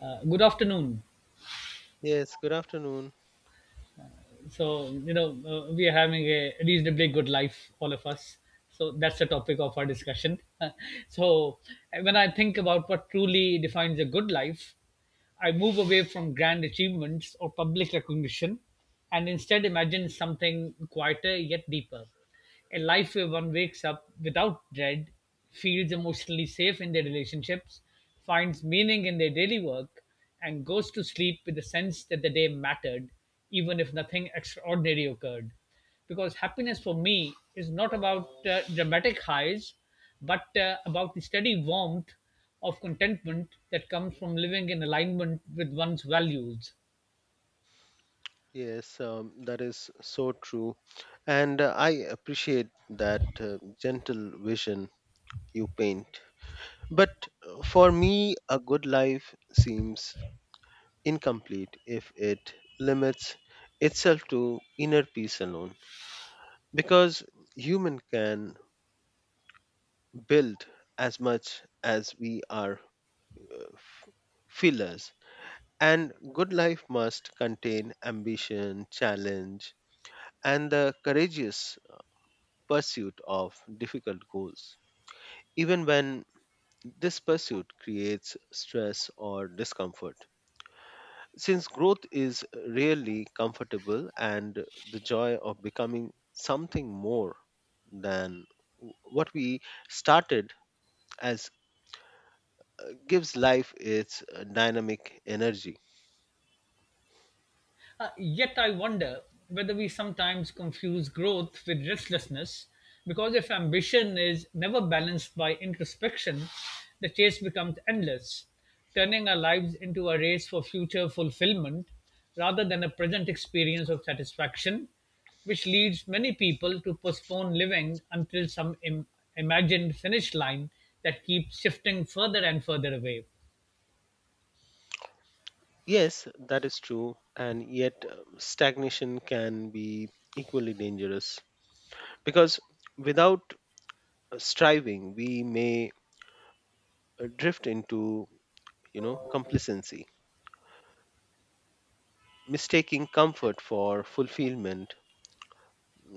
Good afternoon. Yes, good afternoon. So, you know, we are having a reasonably good life, all of us. So, that's the topic of our discussion. so, when I think about what truly defines a good life, I move away from grand achievements or public recognition and instead imagine something quieter yet deeper. A life where one wakes up without dread, feels emotionally safe in their relationships, finds meaning in their daily work, and goes to sleep with the sense that the day mattered, even if nothing extraordinary occurred. Because happiness for me is not about dramatic highs, but about the steady warmth of contentment that comes from living in alignment with one's values. Yes, that is so true. And I appreciate that gentle vision you paint. But for me, a good life seems incomplete if it limits itself to inner peace alone. Because human can build as much as we are uh, f- fillers. And good life must contain ambition, challenge, and the courageous pursuit of difficult goals, even when this pursuit creates stress or discomfort. Since growth is rarely comfortable and the joy of becoming something more than what we started as gives life its dynamic energy. Yet I wonder whether we sometimes confuse growth with restlessness, because if ambition is never balanced by introspection, the chase becomes endless, turning our lives into a race for future fulfillment rather than a present experience of satisfaction, which leads many people to postpone living until some imagined finish line that keeps shifting further and further away. Yes, that is true, and yet stagnation can be equally dangerous because without striving, we may drift into complacency, mistaking comfort for fulfillment,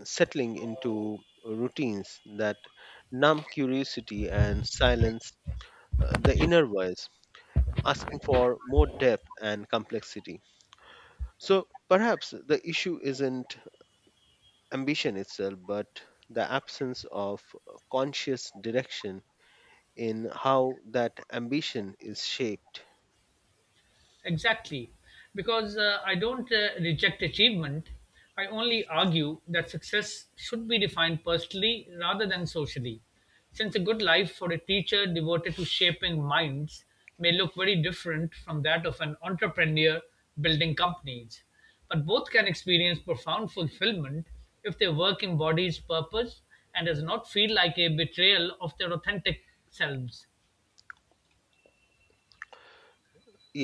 settling into routines that numb curiosity and silence, the inner voice asking for more depth and complexity. So perhaps the issue isn't ambition itself but the absence of conscious direction in how that ambition is shaped. Exactly. Because I don't reject achievement. I only argue that success should be defined personally rather than socially. Since a good life for a teacher devoted to shaping minds may look very different from that of an entrepreneur building companies. But both can experience profound fulfillment if their work embodies purpose and does not feel like a betrayal of their authentic selves.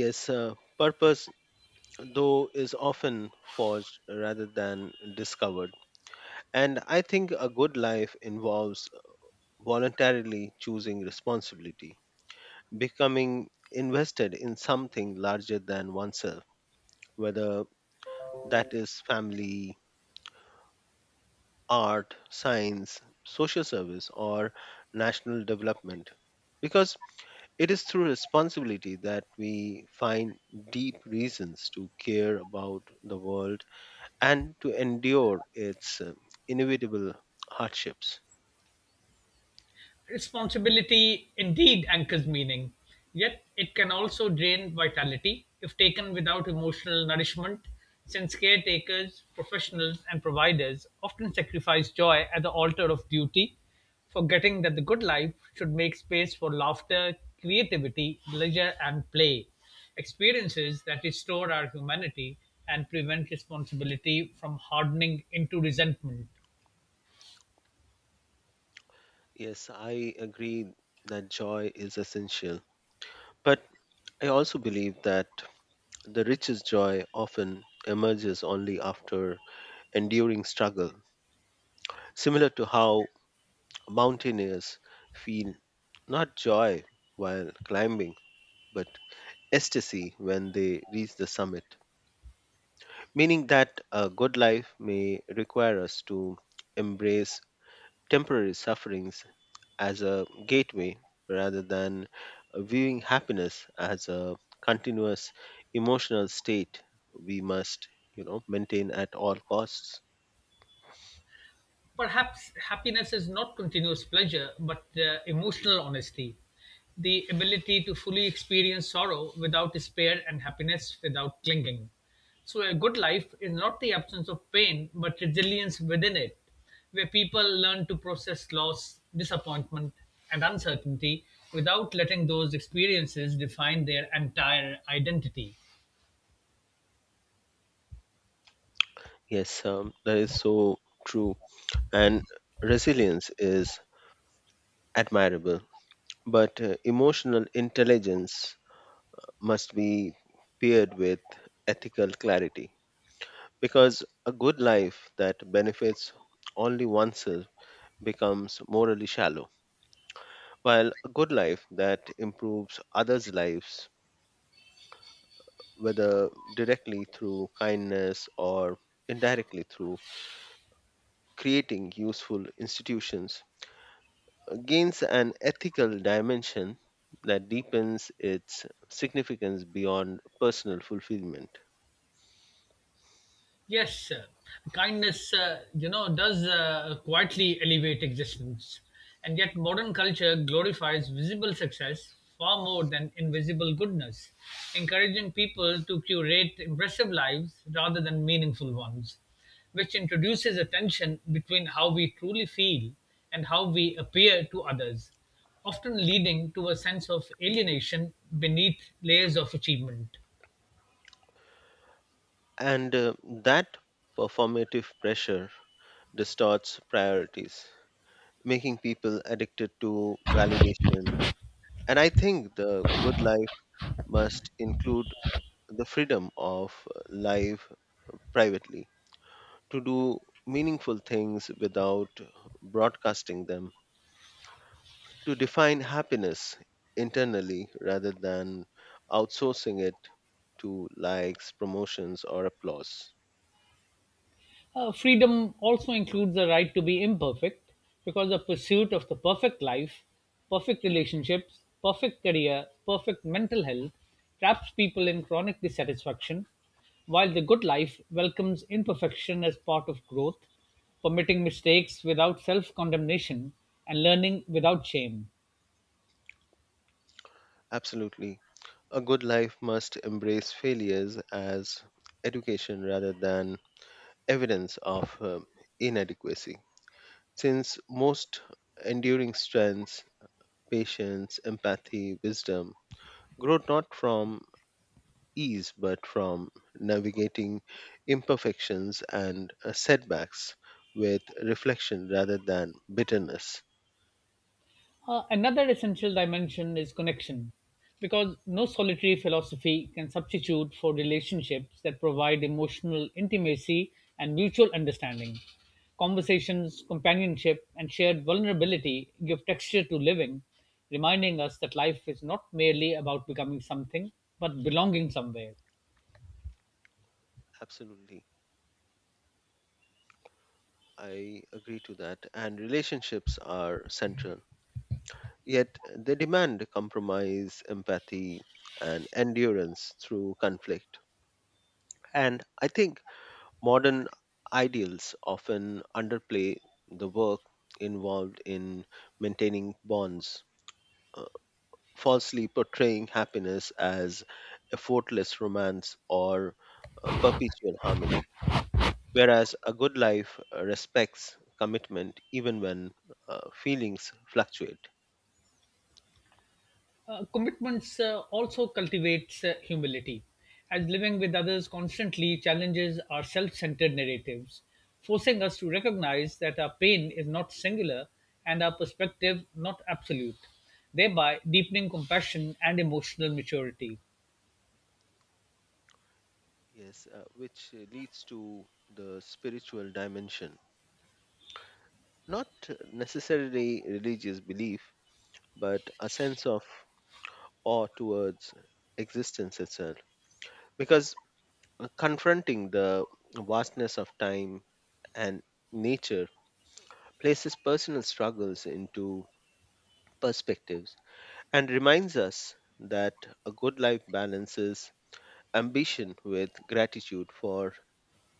Yes, purpose though is often forged rather than discovered. And I think a good life involves voluntarily choosing responsibility, becoming invested in something larger than oneself, whether that is family, art, science, social service, or national development. Because it is through responsibility that we find deep reasons to care about the world and to endure its inevitable hardships. Responsibility indeed anchors meaning, yet it can also drain vitality if taken without emotional nourishment, since caretakers, professionals, and providers often sacrifice joy at the altar of duty, forgetting that the good life should make space for laughter, creativity, leisure, and play. Experiences that restore our humanity and prevent responsibility from hardening into resentment. Yes, I agree that joy is essential, but I also believe that the richest joy often emerges only after enduring struggle, similar to how mountaineers feel not joy while climbing, but ecstasy when they reach the summit. Meaning that a good life may require us to embrace temporary sufferings as a gateway rather than viewing happiness as a continuous emotional state we must maintain at all costs. Perhaps happiness is not continuous pleasure, but emotional honesty. The ability to fully experience sorrow without despair and happiness without clinging. So, a good life is not the absence of pain, but resilience within it, where people learn to process loss, disappointment, and uncertainty without letting those experiences define their entire identity. Yes, that is so true. And resilience is admirable, but emotional intelligence must be paired with ethical clarity, because a good life that benefits only oneself becomes morally shallow, while a good life that improves others' lives, whether directly through kindness or indirectly through creating useful institutions, gains an ethical dimension that deepens its significance beyond personal fulfillment. Yes, kindness, you know, does quietly elevate existence. And yet, modern culture glorifies visible success far more than invisible goodness, encouraging people to curate impressive lives rather than meaningful ones, which introduces a tension between how we truly feel and how we appear to others, often leading to a sense of alienation beneath layers of achievement. And that performative pressure distorts priorities, making people addicted to validation. And I think the good life must include the freedom of life privately, to do meaningful things without broadcasting them, to define happiness internally rather than outsourcing it to likes, promotions, or applause. Freedom also includes the right to be imperfect because the pursuit of the perfect life, perfect relationships, perfect career, perfect mental health traps people in chronic dissatisfaction, while the good life welcomes imperfection as part of growth, permitting mistakes without self condemnation and learning without shame. Absolutely. A good life must embrace failures as education rather than evidence of inadequacy. Since most enduring strengths, patience, empathy, wisdom, growth not from ease, but from navigating imperfections and setbacks with reflection rather than bitterness. Another essential dimension is connection, because no solitary philosophy can substitute for relationships that provide emotional intimacy and mutual understanding. Conversations, companionship, and shared vulnerability give texture to living, reminding us that life is not merely about becoming something, but belonging somewhere. Absolutely. I agree to that. And relationships are central. Yet they demand compromise, empathy, and endurance through conflict. And I think modern ideals often underplay the work involved in maintaining bonds, uh, falsely portraying happiness as effortless romance or perpetual harmony. Whereas a good life respects commitment even when feelings fluctuate. Commitments also cultivates humility, as living with others constantly challenges our self centered narratives, forcing us to recognize that our pain is not singular and our perspective not absolute, thereby deepening compassion and emotional maturity. Yes, which leads to the spiritual dimension. Not necessarily religious belief, but a sense of awe towards existence itself. Because confronting the vastness of time and nature places personal struggles into perspectives and reminds us that a good life balances ambition with gratitude for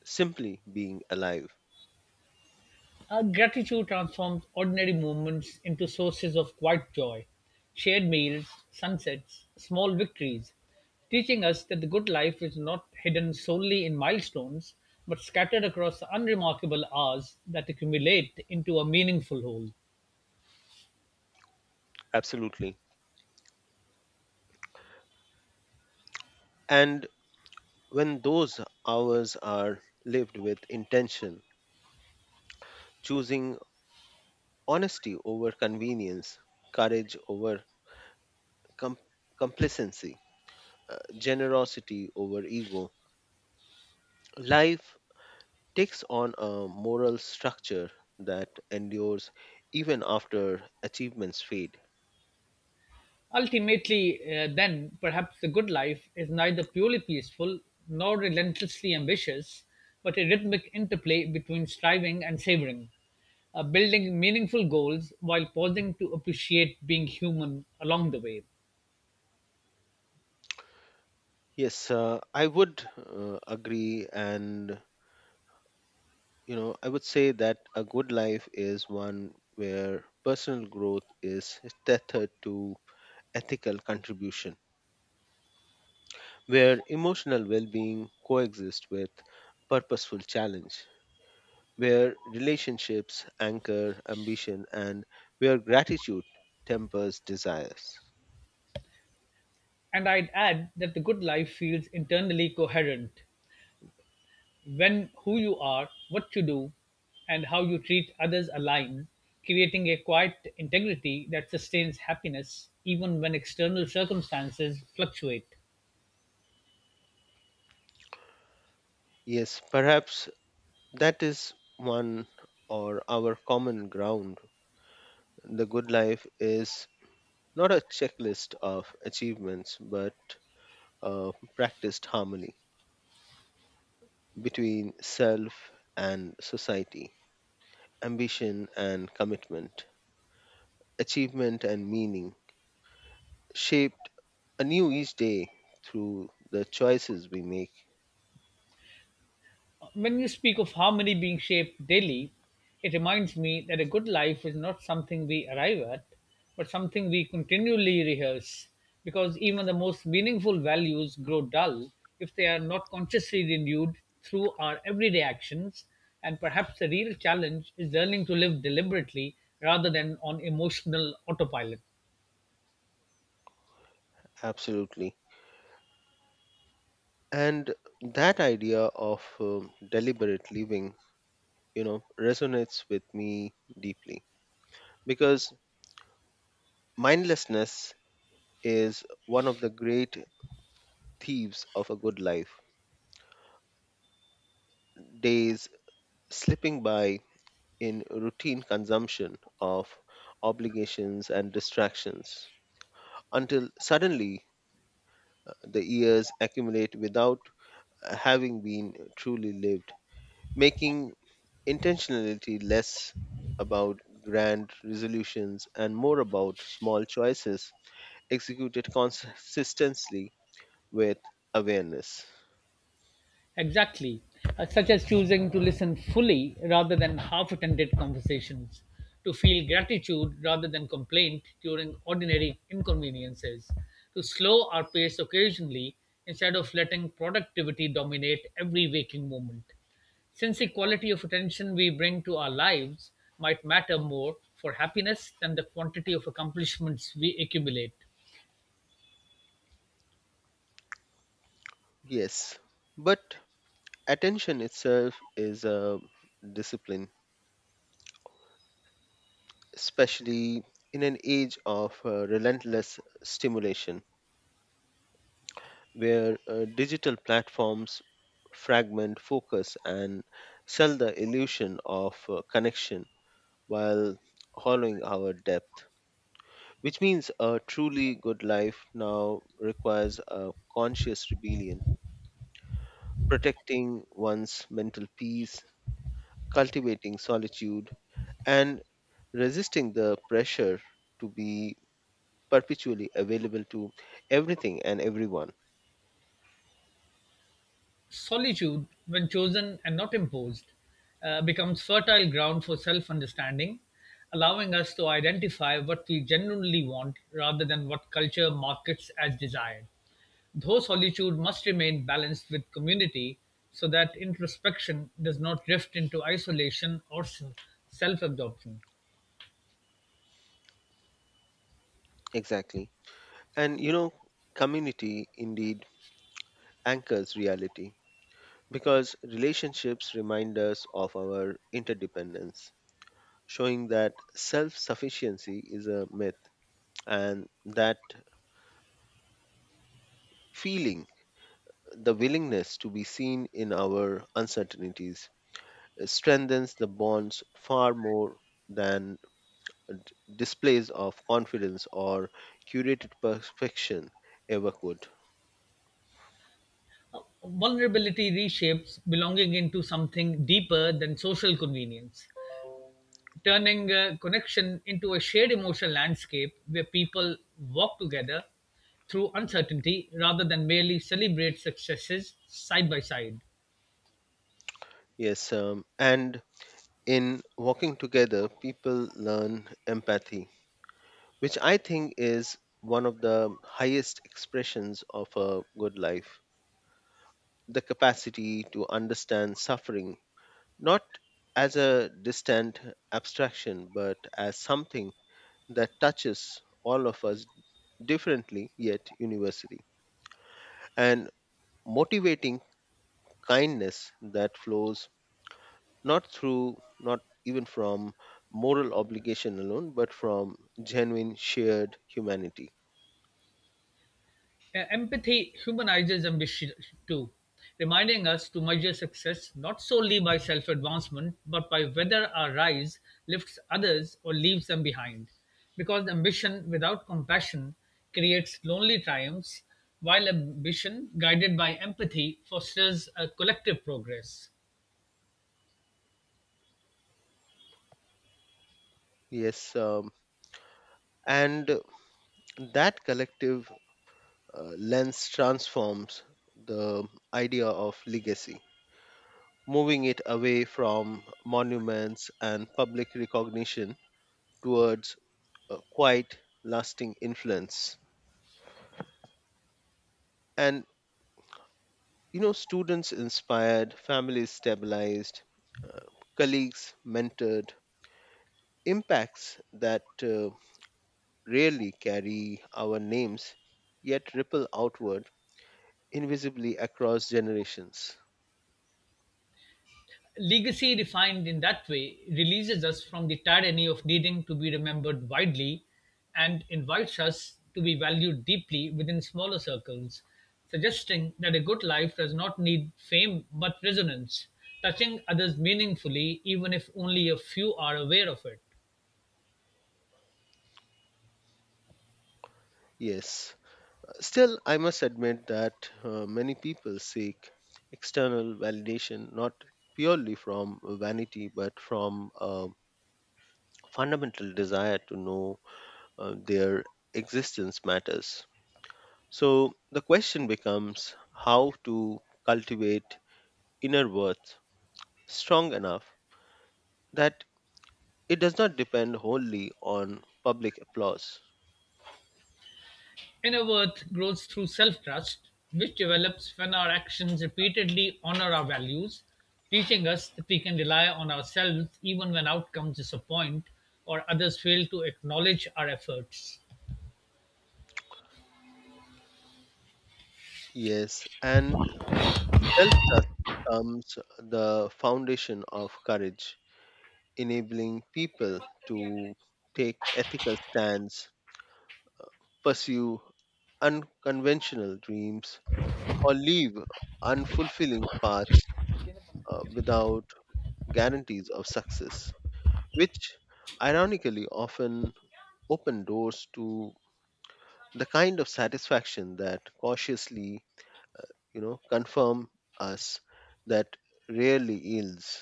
simply being alive. Our gratitude transforms ordinary moments into sources of quiet joy, shared meals, sunsets, small victories, teaching us that the good life is not hidden solely in milestones, but scattered across the unremarkable hours that accumulate into a meaningful whole. Absolutely. And when those hours are lived with intention, choosing honesty over convenience, courage over com- complacency, generosity over ego, life takes on a moral structure that endures even after achievements fade. Ultimately, then, perhaps the good life is neither purely peaceful nor relentlessly ambitious, but a rhythmic interplay between striving and savoring, building meaningful goals while pausing to appreciate being human along the way. Yes, I would agree, and I would say that a good life is one where personal growth is tethered to ethical contribution, where emotional well-being coexist with purposeful challenge, where relationships anchor ambition, and where gratitude tempers desires. And I'd add that the good life feels internally coherent, when who you are, what you do, and how you treat others align, creating a quiet integrity that sustains happiness even when external circumstances fluctuate. Yes, perhaps that is one or our common ground. The good life is not a checklist of achievements, but a practiced harmony between self and society, ambition and commitment, achievement and meaning, shaped anew each day through the choices we make. When you speak of harmony being shaped daily, it reminds me that a good life is not something we arrive at, but something we continually rehearse, because even the most meaningful values grow dull if they are not consciously renewed through our everyday actions. And perhaps the real challenge is learning to live deliberately rather than on emotional autopilot. Absolutely. And that idea of deliberate living resonates with me deeply, because mindlessness is one of the great thieves of a good life, days slipping by in routine consumption of obligations and distractions until suddenly the years accumulate without having been truly lived, making intentionality less about grand resolutions and more about small choices executed consistently with awareness. Exactly, such as choosing to listen fully rather than half attended conversations, to feel gratitude rather than complaint during ordinary inconveniences, to slow our pace occasionally instead of letting productivity dominate every waking moment. Since the quality of attention we bring to our lives might matter more for happiness than the quantity of accomplishments we accumulate. Yes, but attention itself is a discipline, especially in an age of relentless stimulation where digital platforms fragment focus and sell the illusion of connection while hollowing our depth. Which means a truly good life now requires a conscious rebellion, protecting one's mental peace, cultivating solitude, and resisting the pressure to be perpetually available to everything and everyone. Solitude, when chosen and not imposed, becomes fertile ground for self understanding, allowing us to identify what we genuinely want rather than what culture markets as desired. Though solitude must remain balanced with community so that introspection does not drift into isolation or self absorption. Exactly. And you know, community indeed anchors reality, because relationships remind us of our interdependence, showing that self sufficiency is a myth and that feeling the willingness to be seen in our uncertainties strengthens the bonds far more than d- displays of confidence or curated perfection ever could. Vulnerability reshapes belonging into something deeper than social convenience, turning a connection into a shared emotional landscape where people walk together through uncertainty rather than merely celebrate successes side by side. Yes, and in walking together, people learn empathy, which I think is one of the highest expressions of a good life. The capacity to understand suffering not as a distant abstraction, but as something that touches all of us differently yet universally, and motivating kindness that flows not even from moral obligation alone, but from genuine shared humanity. Empathy humanizes ambition too, reminding us to measure success not solely by self advancement, but by whether our rise lifts others or leaves them behind. Because ambition without compassion creates lonely triumphs, while ambition guided by empathy fosters a collective progress. Yes, and that collective lens transforms the idea of legacy, moving it away from monuments and public recognition towards a quite lasting influence. And you know, students inspired, families stabilized, uh, colleagues mentored, impacts that rarely carry our names yet ripple outward invisibly across generations. Legacy refined in that way releases us from the tyranny of needing to be remembered widely and invites us to be valued deeply within smaller circles, suggesting that a good life does not need fame but resonance, touching others meaningfully even if only a few are aware of it. Yes, still, I must admit that many people seek external validation not purely from vanity but from a fundamental desire to know their existence matters. So the question becomes how to cultivate inner worth strong enough that it does not depend wholly on public applause. Inner worth grows through self trust, which develops when our actions repeatedly honor our values, teaching us that we can rely on ourselves even when outcomes disappoint or others fail to acknowledge our efforts. Yes, and self trust becomes the foundation of courage, enabling people to take ethical stands, pursue unconventional dreams, or leave unfulfilling paths without guarantees of success, which ironically often open doors to the kind of satisfaction that cautiously, confirm us that rarely yields.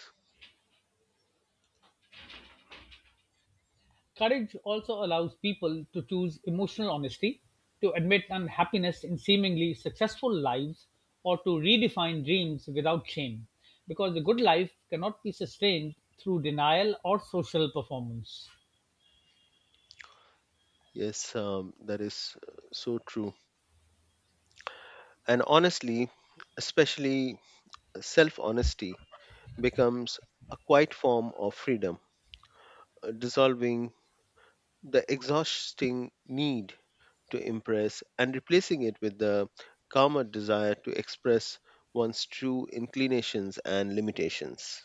Courage also allows people to choose emotional honesty, to admit unhappiness in seemingly successful lives, or to redefine dreams without shame, because the good life cannot be sustained through denial or social performance. Yes, that is so true. And honestly, especially self honesty becomes a quiet form of freedom, dissolving the exhausting need to impress and replacing it with the calmer desire to express one's true inclinations and limitations.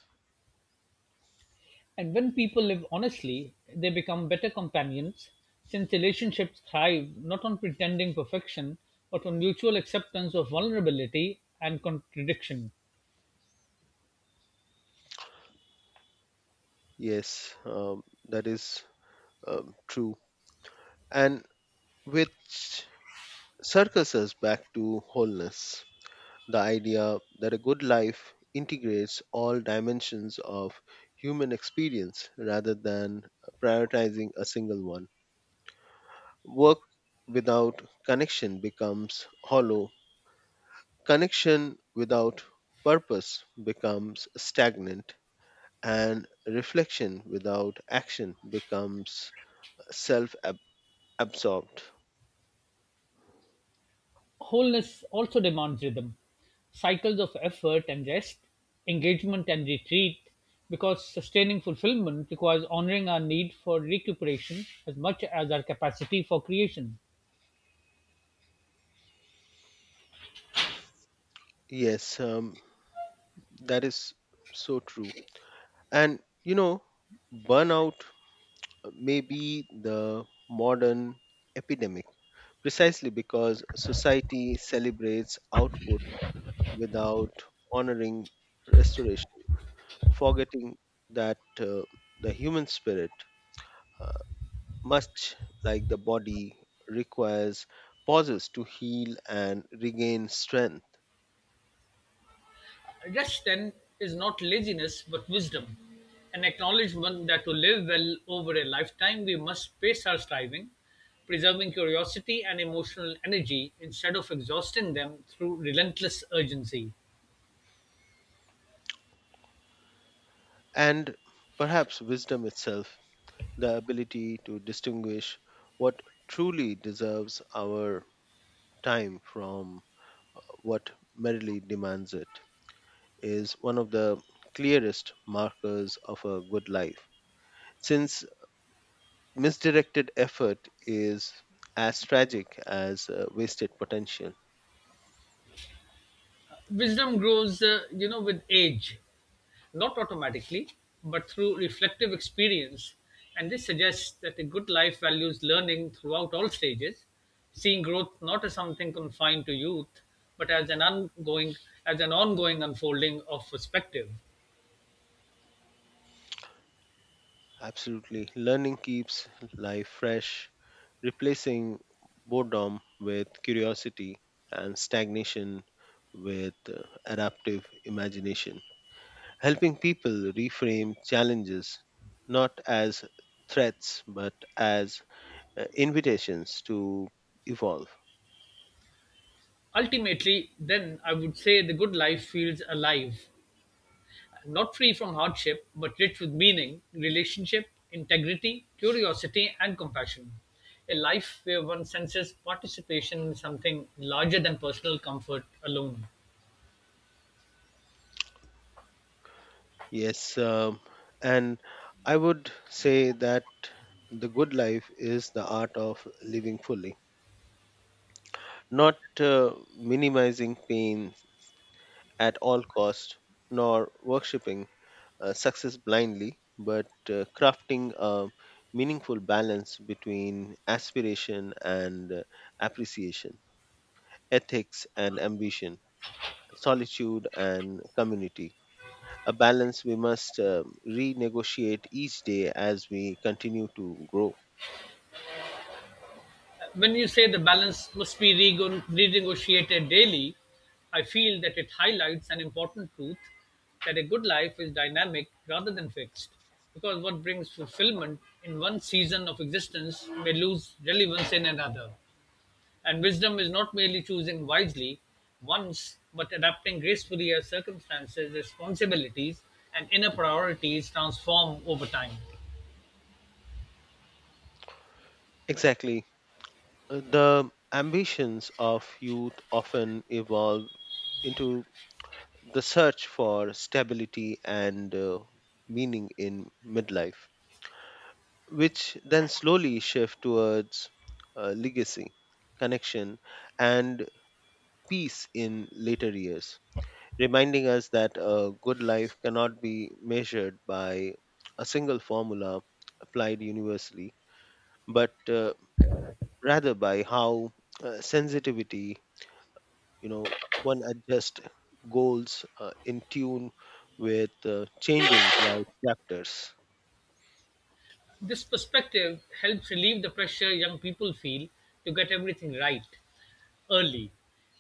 And when people live honestly, they become better companions, since relationships thrive not on pretending perfection, but on mutual acceptance of vulnerability and contradiction. Yes, that is true. And which circles us back to wholeness, the idea that a good life integrates all dimensions of human experience rather than prioritizing a single one. Work without connection becomes hollow. Connection without purpose becomes stagnant, and reflection without action becomes self absorbed. Wholeness also demands rhythm, cycles of effort and rest, engagement and retreat, because sustaining fulfillment requires honoring our need for recuperation as much as our capacity for creation. Yes, that is so true. And you know, burnout may be the modern epidemic, precisely because society celebrates output without honoring restoration, forgetting that the human spirit, much like the body, requires pauses to heal and regain strength. Rest, then, is not laziness but wisdom, an acknowledgement that to live well over a lifetime we must pace our striving, preserving curiosity and emotional energy instead of exhausting them through relentless urgency. And perhaps wisdom itself, the ability to distinguish what truly deserves our time from what merely demands it, is one of the clearest markers of a good life, since misdirected effort is as tragic as wasted potential. Wisdom grows, you know, with age, not automatically, but through reflective experience. And this suggests that a good life values learning throughout all stages, seeing growth not as something confined to youth, but as an ongoing unfolding of perspective. Absolutely. Learning keeps life fresh, replacing boredom with curiosity and stagnation with adaptive imagination, helping people reframe challenges not as threats but as invitations to evolve. Ultimately, then, I would say the good life feels alive, not free from hardship, but rich with meaning, relationship, integrity, curiosity, and compassion. A life where one senses participation in something larger than personal comfort alone. Yes, and I would say that the good life is the art of living fully, not minimizing pain at all cost, nor worshipping success blindly, but crafting a meaningful balance between aspiration and appreciation, ethics and ambition, solitude and community, a balance we must renegotiate each day as we continue to grow. When you say the balance must be renegotiated daily, I feel that it highlights an important truth that a good life is dynamic rather than fixed. Because what brings fulfillment in one season of existence may lose relevance in another. And wisdom is not merely choosing wisely once, but adapting gracefully as circumstances, responsibilities, and inner priorities transform over time. Exactly. The ambitions of youth often evolve into the search for stability and meaning in midlife, which then slowly shift towards legacy, connection, and peace in later years, reminding us that a good life cannot be measured by a single formula applied universally, but rather by how sensitivity one adjust goals in tune with changing life chapters. This perspective helps relieve the pressure young people feel to get everything right early,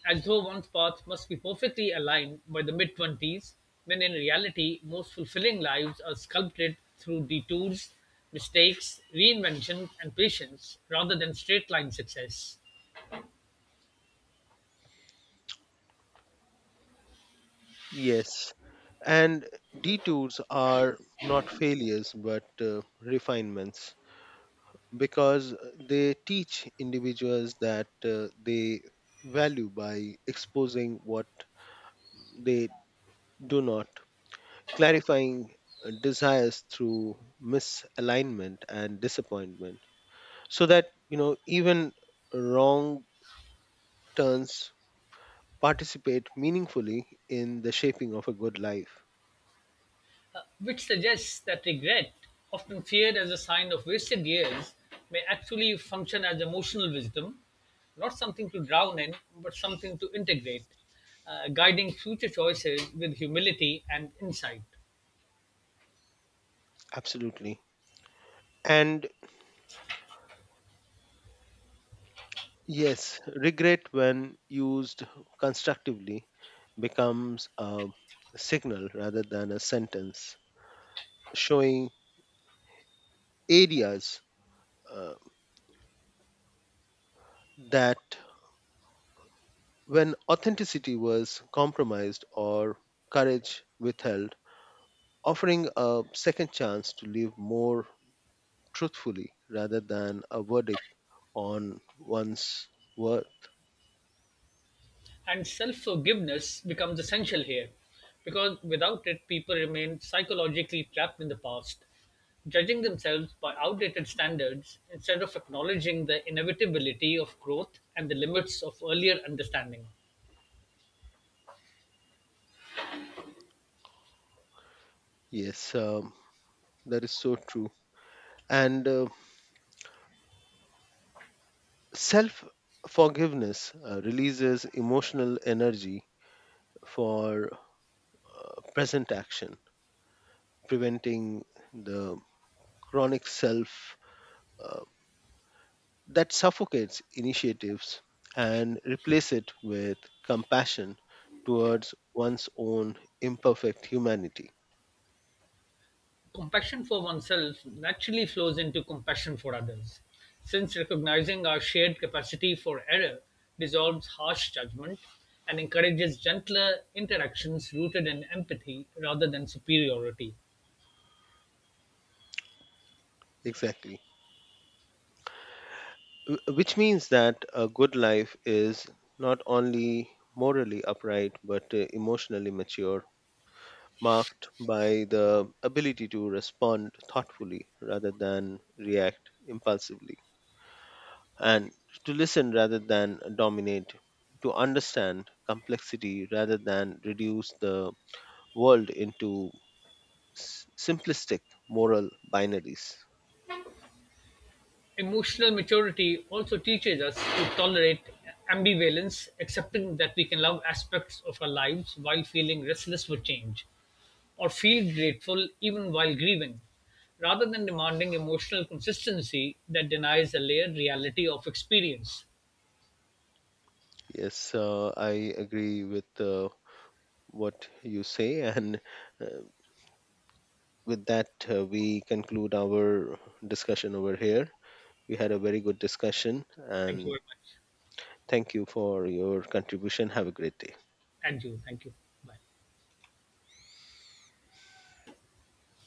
as though one's path must be perfectly aligned by the mid 20s, when in reality, most fulfilling lives are sculpted through detours, mistakes, reinvention, and patience rather than straight line success. Yes, and detours are not failures but refinements, because they teach individuals that they value by exposing what they do not, clarifying desires through misalignment and disappointment, so that even wrong turns participate meaningfully in the shaping of a good life. Which suggests that regret, often feared as a sign of wasted years, may actually function as emotional wisdom, not something to drown in, but something to integrate, guiding future choices with humility and insight. Absolutely. And yes, regret when used constructively becomes a signal rather than a sentence, showing areas uh, that when authenticity was compromised or courage withheld, offering a second chance to live more truthfully rather than a verdict on one's worth. And self forgiveness becomes essential here, because without it, people remain psychologically trapped in the past, judging themselves by outdated standards instead of acknowledging the inevitability of growth and the limits of earlier understanding. Yes, that is so true. And self forgiveness releases emotional energy for present action, preventing the chronic self uh, that suffocates initiatives and replace it with compassion towards one's own imperfect humanity. Compassion for oneself naturally flows into compassion for others, since recognizing our shared capacity for error dissolves harsh judgment and encourages gentler interactions rooted in empathy rather than superiority. Exactly. Which means that a good life is not only morally upright but emotionally mature, marked by the ability to respond thoughtfully rather than react impulsively, and to listen rather than dominate, to understand complexity rather than reduce the world into simplistic moral binaries. Emotional maturity also teaches us to tolerate ambivalence, accepting that we can love aspects of our lives while feeling restless for change, or feel grateful even while grieving, rather than demanding emotional consistency that denies the layered reality of experience. Yes, I agree with what you say, and uh, with that, we conclude our discussion over here. We had a very good discussion, Thank you and very much. thank you for your contribution. Have a great day. And you. Thank you. Bye.